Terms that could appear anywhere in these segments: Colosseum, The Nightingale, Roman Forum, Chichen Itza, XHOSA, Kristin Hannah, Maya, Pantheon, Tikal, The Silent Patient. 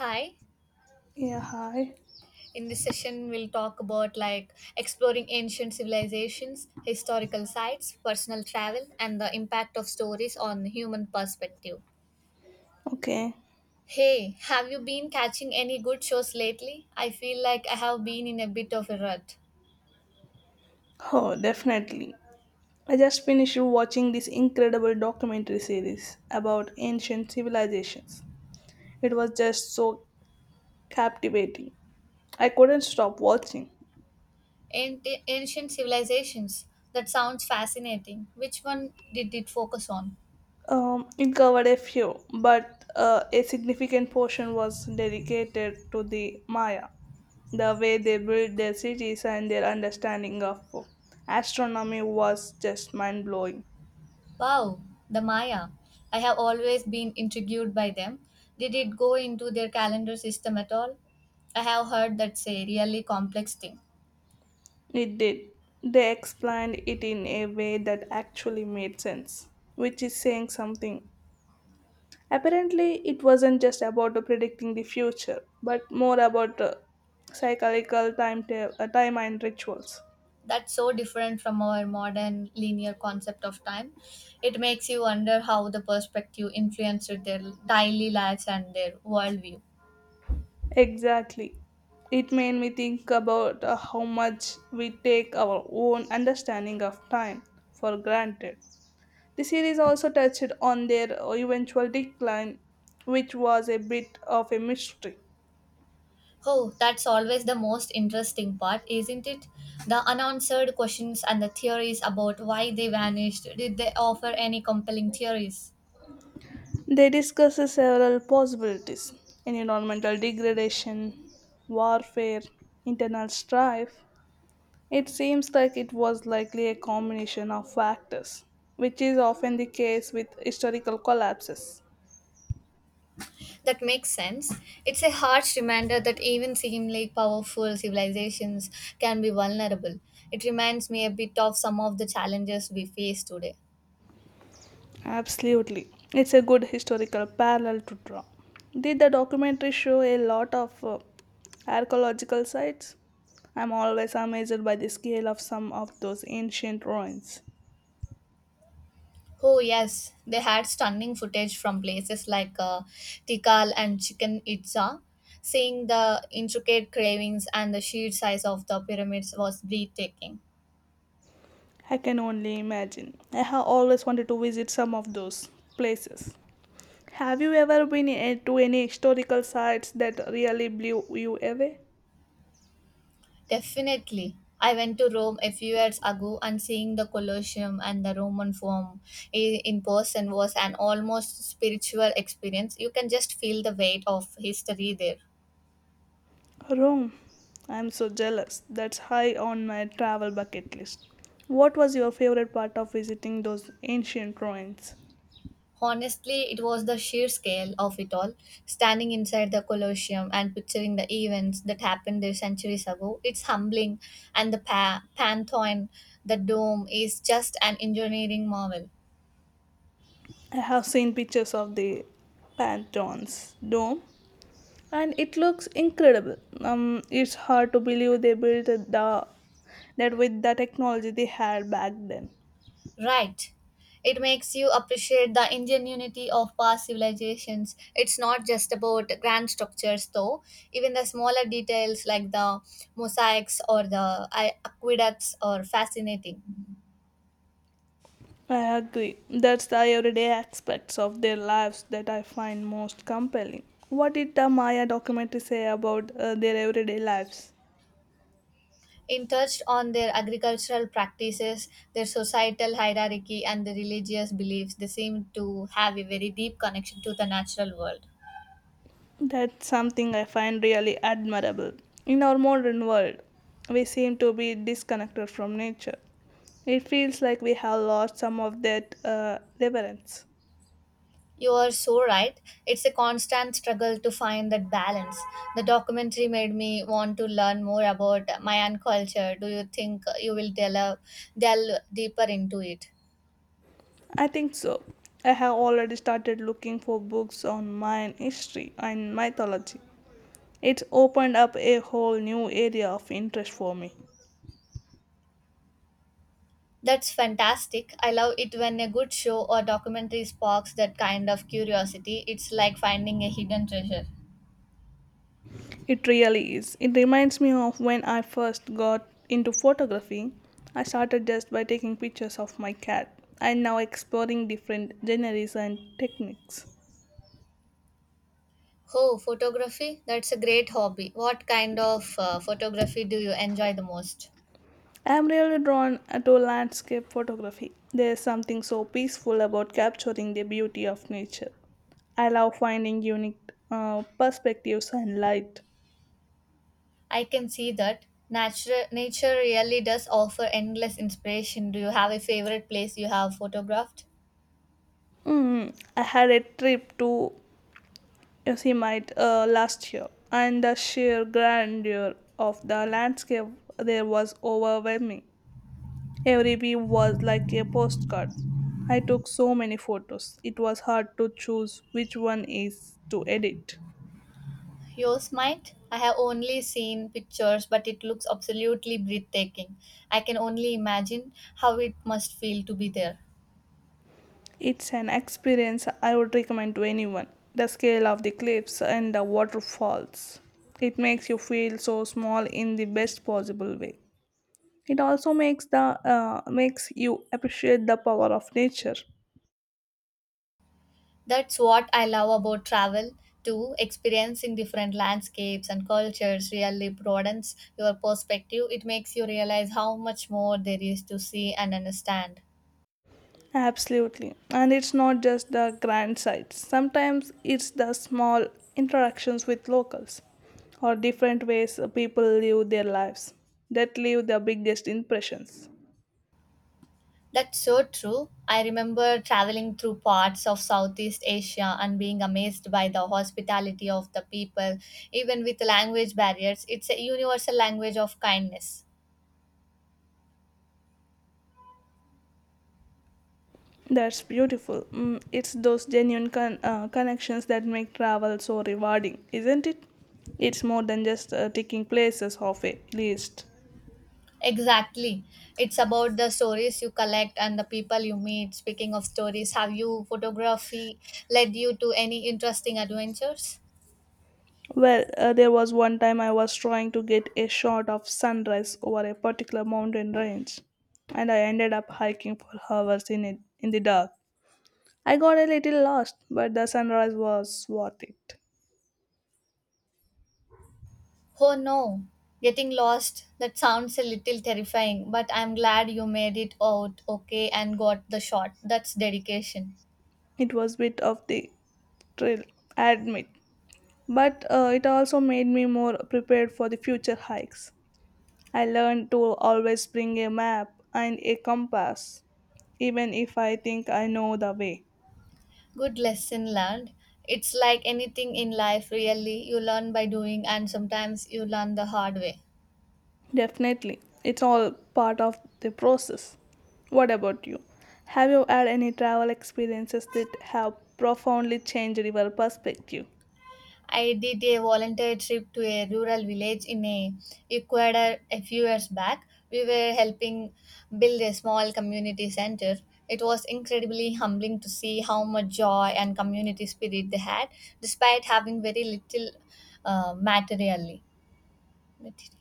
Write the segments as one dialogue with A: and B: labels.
A: Hi,
B: Yeah, hi.
A: in this session, we'll talk about like exploring ancient civilizations, historical sites, personal travel, and the impact of stories on human perspective.
B: Okay.
A: Hey, have you been catching any good shows lately? I feel like I have been in a bit of a rut.
B: Oh, definitely. I just finished watching this incredible documentary series about ancient civilizations. It was just so captivating. I couldn't stop watching.
A: Ancient civilizations, that sounds fascinating. Which one did it focus on?
B: It covered a few, but a significant portion was dedicated to the Maya, the way they built their cities and their understanding of astronomy was just mind blowing.
A: Wow, the Maya. I have always been intrigued by them. Did it go into their calendar system at all? I have heard that's a really complex thing.
B: It did. They explained it in a way that actually made sense, which is saying something. Apparently, it wasn't just about predicting the future, but more about psychological time, time and rituals.
A: That's so different from our modern linear concept of time. It makes you wonder how the perspective influenced their daily lives and their worldview.
B: Exactly. It made me think about how much we take our own understanding of time for granted. The series also touched on their eventual decline, which was a bit of a mystery.
A: Oh, that's always the most interesting part, isn't it? The unanswered questions and the theories about why they vanished. Did they offer any compelling theories?
B: They discuss several possibilities, environmental degradation, warfare, internal strife. It seems like it was likely a combination of factors, which is often the case with historical collapses.
A: That makes sense. It's a harsh reminder that even seemingly powerful civilizations can be vulnerable. It reminds me a bit of some of the challenges we face today.
B: Absolutely. It's a good historical parallel to draw. Did the documentary show a lot of archaeological sites? I'm always amazed by the scale of some of those ancient ruins.
A: Oh, yes, they had stunning footage from places like Tikal and Chichen Itza. Seeing the intricate carvings and the sheer size of the pyramids was breathtaking.
B: I can only imagine. I have always wanted to visit some of those places. Have you ever been to any historical sites that really blew you away?
A: Definitely. I went to Rome a few years ago and seeing the Colosseum and the Roman Forum in person was an almost spiritual experience. You can just feel the weight of history there.
B: Rome. I'm so jealous. That's high on my travel bucket list. What was your favorite part of visiting those ancient ruins?
A: Honestly, it was the sheer scale of it all. Standing inside the Colosseum and picturing the events that happened there centuries ago, it's humbling. And the Pantheon, the dome, is just an engineering marvel.
B: I have seen pictures of the Pantheon's dome and it looks incredible. It's hard to believe they built the that with the technology they had back then.
A: Right. It makes you appreciate the Indian unity of past civilizations. It's not just about grand structures, though. Even the smaller details like the mosaics or the aqueducts are fascinating.
B: I agree. That's the everyday aspects of their lives that I find most compelling. What did the Maya documentary say about their everyday lives?
A: It touched on their agricultural practices, their societal hierarchy, and the religious beliefs. They seem to have a very deep connection to the natural world.
B: That's something I find really admirable. In our modern world, we seem to be disconnected from nature. It feels like we have lost some of that reverence.
A: You are so right. It's a constant struggle to find that balance. The documentary made me want to learn more about Mayan culture. Do you think you will delve deeper into it?
B: I think so. I have already started looking for books on Mayan history and mythology. It's opened up a whole new area of interest for me.
A: That's fantastic. I love it when a good show or documentary sparks that kind of curiosity. It's like finding a hidden treasure.
B: It really is. It reminds me of when I first got into photography. I started just by taking pictures of my cat and now exploring different genres and techniques.
A: Oh, photography? That's a great hobby. What kind of photography do you enjoy the most?
B: I'm really drawn to landscape photography. There's something so peaceful about capturing the beauty of nature. I love finding unique perspectives and light.
A: I can see that nature really does offer endless inspiration. Do you have a favorite place you have photographed?
B: I had a trip to as he might last year, and the sheer grandeur of the landscape there was overwhelming. Every view was like a postcard. I took so many photos, it was hard to choose which one is to edit.
A: Yours might. I have only seen pictures, but it looks absolutely breathtaking. I can only imagine how it must feel to be there.
B: It's an experience I would recommend to anyone. The scale of the cliffs and the waterfalls. It makes you feel so small in the best possible way. It also makes you appreciate the power of nature.
A: That's what I love about travel too. Experiencing different landscapes and cultures really broadens your perspective. It makes you realize how much more there is to see and understand.
B: Absolutely. And it's not just the grand sights. Sometimes it's the small interactions with locals or different ways people live their lives that leave the biggest impressions.
A: That's so true. I remember traveling through parts of Southeast Asia and being amazed by the hospitality of the people, even with language barriers. It's a universal language of kindness.
B: That's beautiful. Mm, it's those genuine connections that make travel so rewarding, isn't it? It's more than just ticking places off a list.
A: Exactly. It's about the stories you collect and the people you meet. Speaking of stories, have you photography led you to any interesting adventures?
B: Well, there was one time I was trying to get a shot of sunrise over a particular mountain range, and I ended up hiking for hours in the dark. I got a little lost, but the sunrise was worth it.
A: Oh no, getting lost, that sounds a little terrifying, but I'm glad you made it out okay and got the shot. That's dedication.
B: It was bit of the thrill, I admit, but it also made me more prepared for the future hikes. I learned to always bring a map and a compass, even if I think I know the way.
A: Good lesson learned. It's like anything in life, really. You learn by doing, and sometimes you learn the hard way.
B: Definitely. It's all part of the process. What about you? Have you had any travel experiences that have profoundly changed your perspective?
A: I did a volunteer trip to a rural village in a Ecuador a few years back. We were helping build a small community center. It was incredibly humbling to see how much joy and community spirit they had, despite having very little uh, materially. material.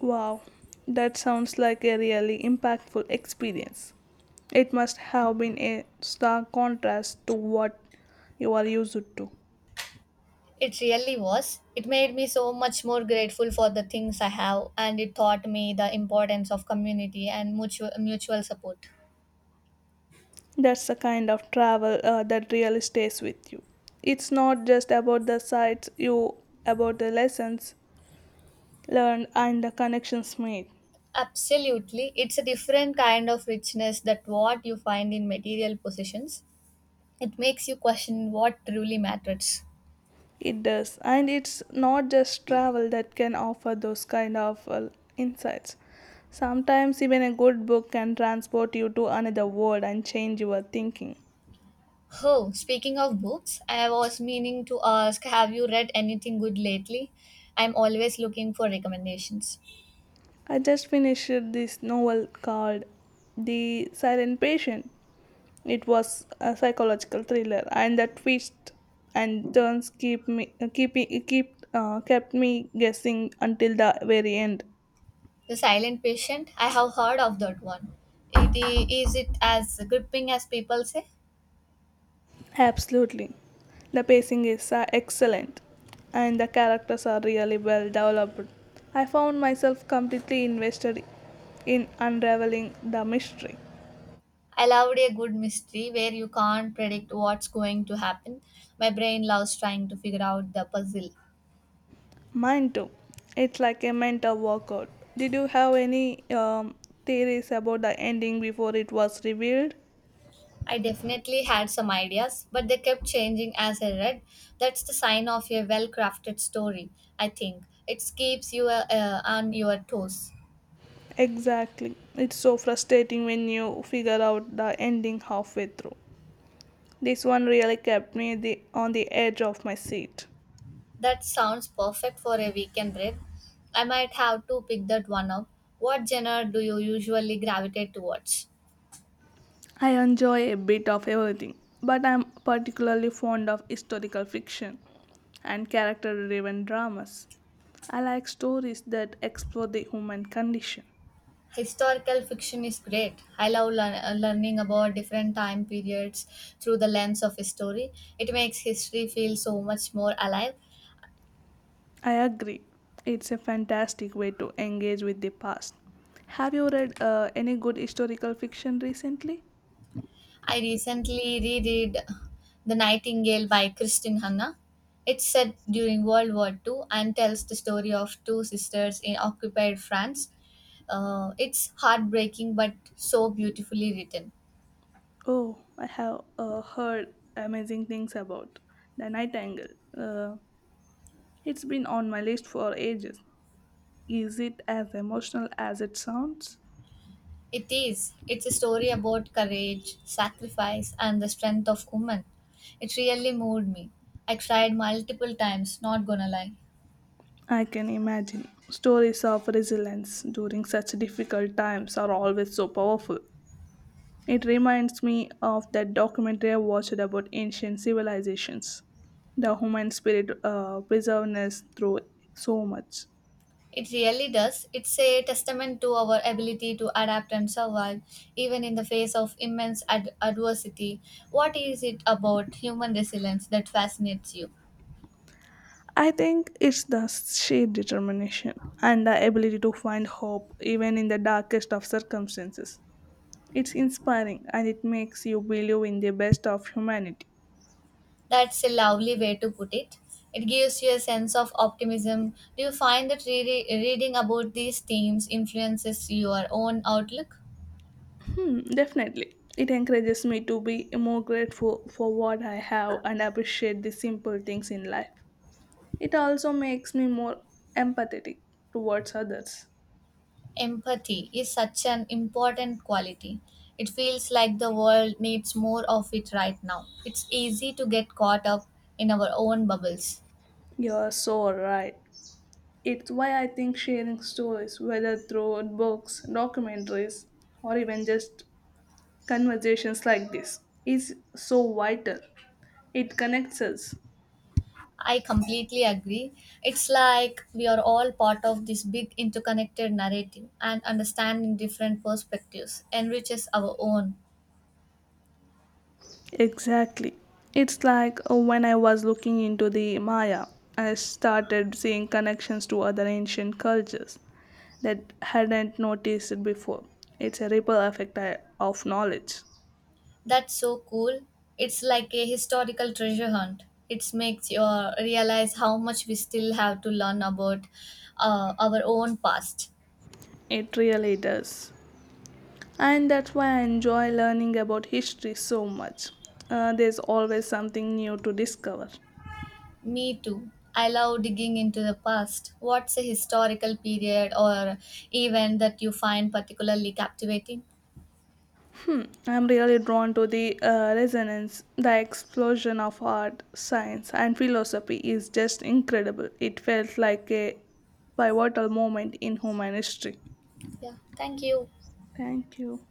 B: Wow, that sounds like a really impactful experience. It must have been a stark contrast to what you are used to.
A: It really was. It made me so much more grateful for the things I have, and it taught me the importance of community and mutual support.
B: That's the kind of travel that really stays with you. It's not just about the sights, you about the lessons learned and the connections made.
A: Absolutely. It's a different kind of richness that what you find in material possessions. It makes you question what truly matters.
B: It does, and it's not just travel that can offer those kind of insights. Sometimes even a good book can transport you to another world and change your thinking.
A: Oh, speaking of books, I was meaning to ask have you read anything good lately? I'm always looking for recommendations.
B: I just finished this novel called The Silent Patient. It was a psychological thriller, and the twist and turns keep me keep keep kept me guessing until the very end.
A: The silent patient, I have heard of that one. It is it as gripping as people say?
B: Absolutely. The pacing is excellent and the characters are really well developed. I found myself completely invested in unraveling the mystery.
A: I loved a good mystery where you can't predict what's going to happen. My brain loves trying to figure out the puzzle.
B: Mine too. It's like a mental workout. Did you have any theories about the ending before it was revealed?
A: I definitely had some ideas, but they kept changing as I read. That's the sign of a well crafted story, I think. It keeps you on your toes.
B: Exactly. It's so frustrating when you figure out the ending halfway through. This one really kept on the edge of my seat.
A: That sounds perfect for a weekend read. I might have to pick that one up. What genre do you usually gravitate towards?
B: I enjoy a bit of everything, but I'm particularly fond of historical fiction and character driven dramas. I like stories that explore the human condition.
A: Historical fiction is great. I love learning about different time periods through the lens of history. It makes history feel so much more alive.
B: I agree, it's a fantastic way to engage with the past. Have you read any good historical fiction recently?
A: I recently reread The Nightingale by Kristin Hanna. It's set during World War II and tells the story of two sisters in occupied France. It's heartbreaking but so beautifully written.
B: Oh, I have heard amazing things about The Nightingale. Uh, it's been on my list for ages. Is it as emotional as it sounds?
A: It is. It's a story about courage, sacrifice, and the strength of women. It really moved me. I cried multiple times, not gonna lie.
B: I can imagine. Stories of resilience during such difficult times are always so powerful. It reminds me of that documentary I watched about ancient civilizations. The human spirit perseveres through so much.
A: It really does. It's a testament to our ability to adapt and survive, even in the face of immense adversity. What is it about human resilience that fascinates you?
B: I think it's the sheer determination and the ability to find hope even in the darkest of circumstances. It's inspiring and it makes you believe in the best of humanity.
A: That's a lovely way to put it. It gives you a sense of optimism. Do you find that reading about these themes influences your own outlook?
B: Hmm, definitely. It encourages me to be more grateful for what I have and appreciate the simple things in life. It also makes me more empathetic towards others.
A: Empathy is such an important quality. It feels like the world needs more of it right now. It's easy to get caught up in our own bubbles.
B: You're so right. It's why I think sharing stories, whether through books, documentaries, or even just conversations like this, is so vital. It connects us.
A: I completely agree. It's like we are all part of this big interconnected narrative, and understanding different perspectives enriches our own.
B: Exactly. It's like when I was looking into the Maya, I started seeing connections to other ancient cultures that hadn't noticed it before. It's a ripple effect of knowledge.
A: That's so cool. It's like a historical treasure hunt. It makes you realize how much we still have to learn about our own past.
B: It really does. And that's why I enjoy learning about history so much. There's always something new to discover.
A: Me too. I love digging into the past. What's a historical period or event that you find particularly captivating?
B: Hmm, I'm really drawn to the resonance. The explosion of art, science, and philosophy is just incredible. It felt like a pivotal moment in human history.
A: Yeah, thank you.
B: Thank you.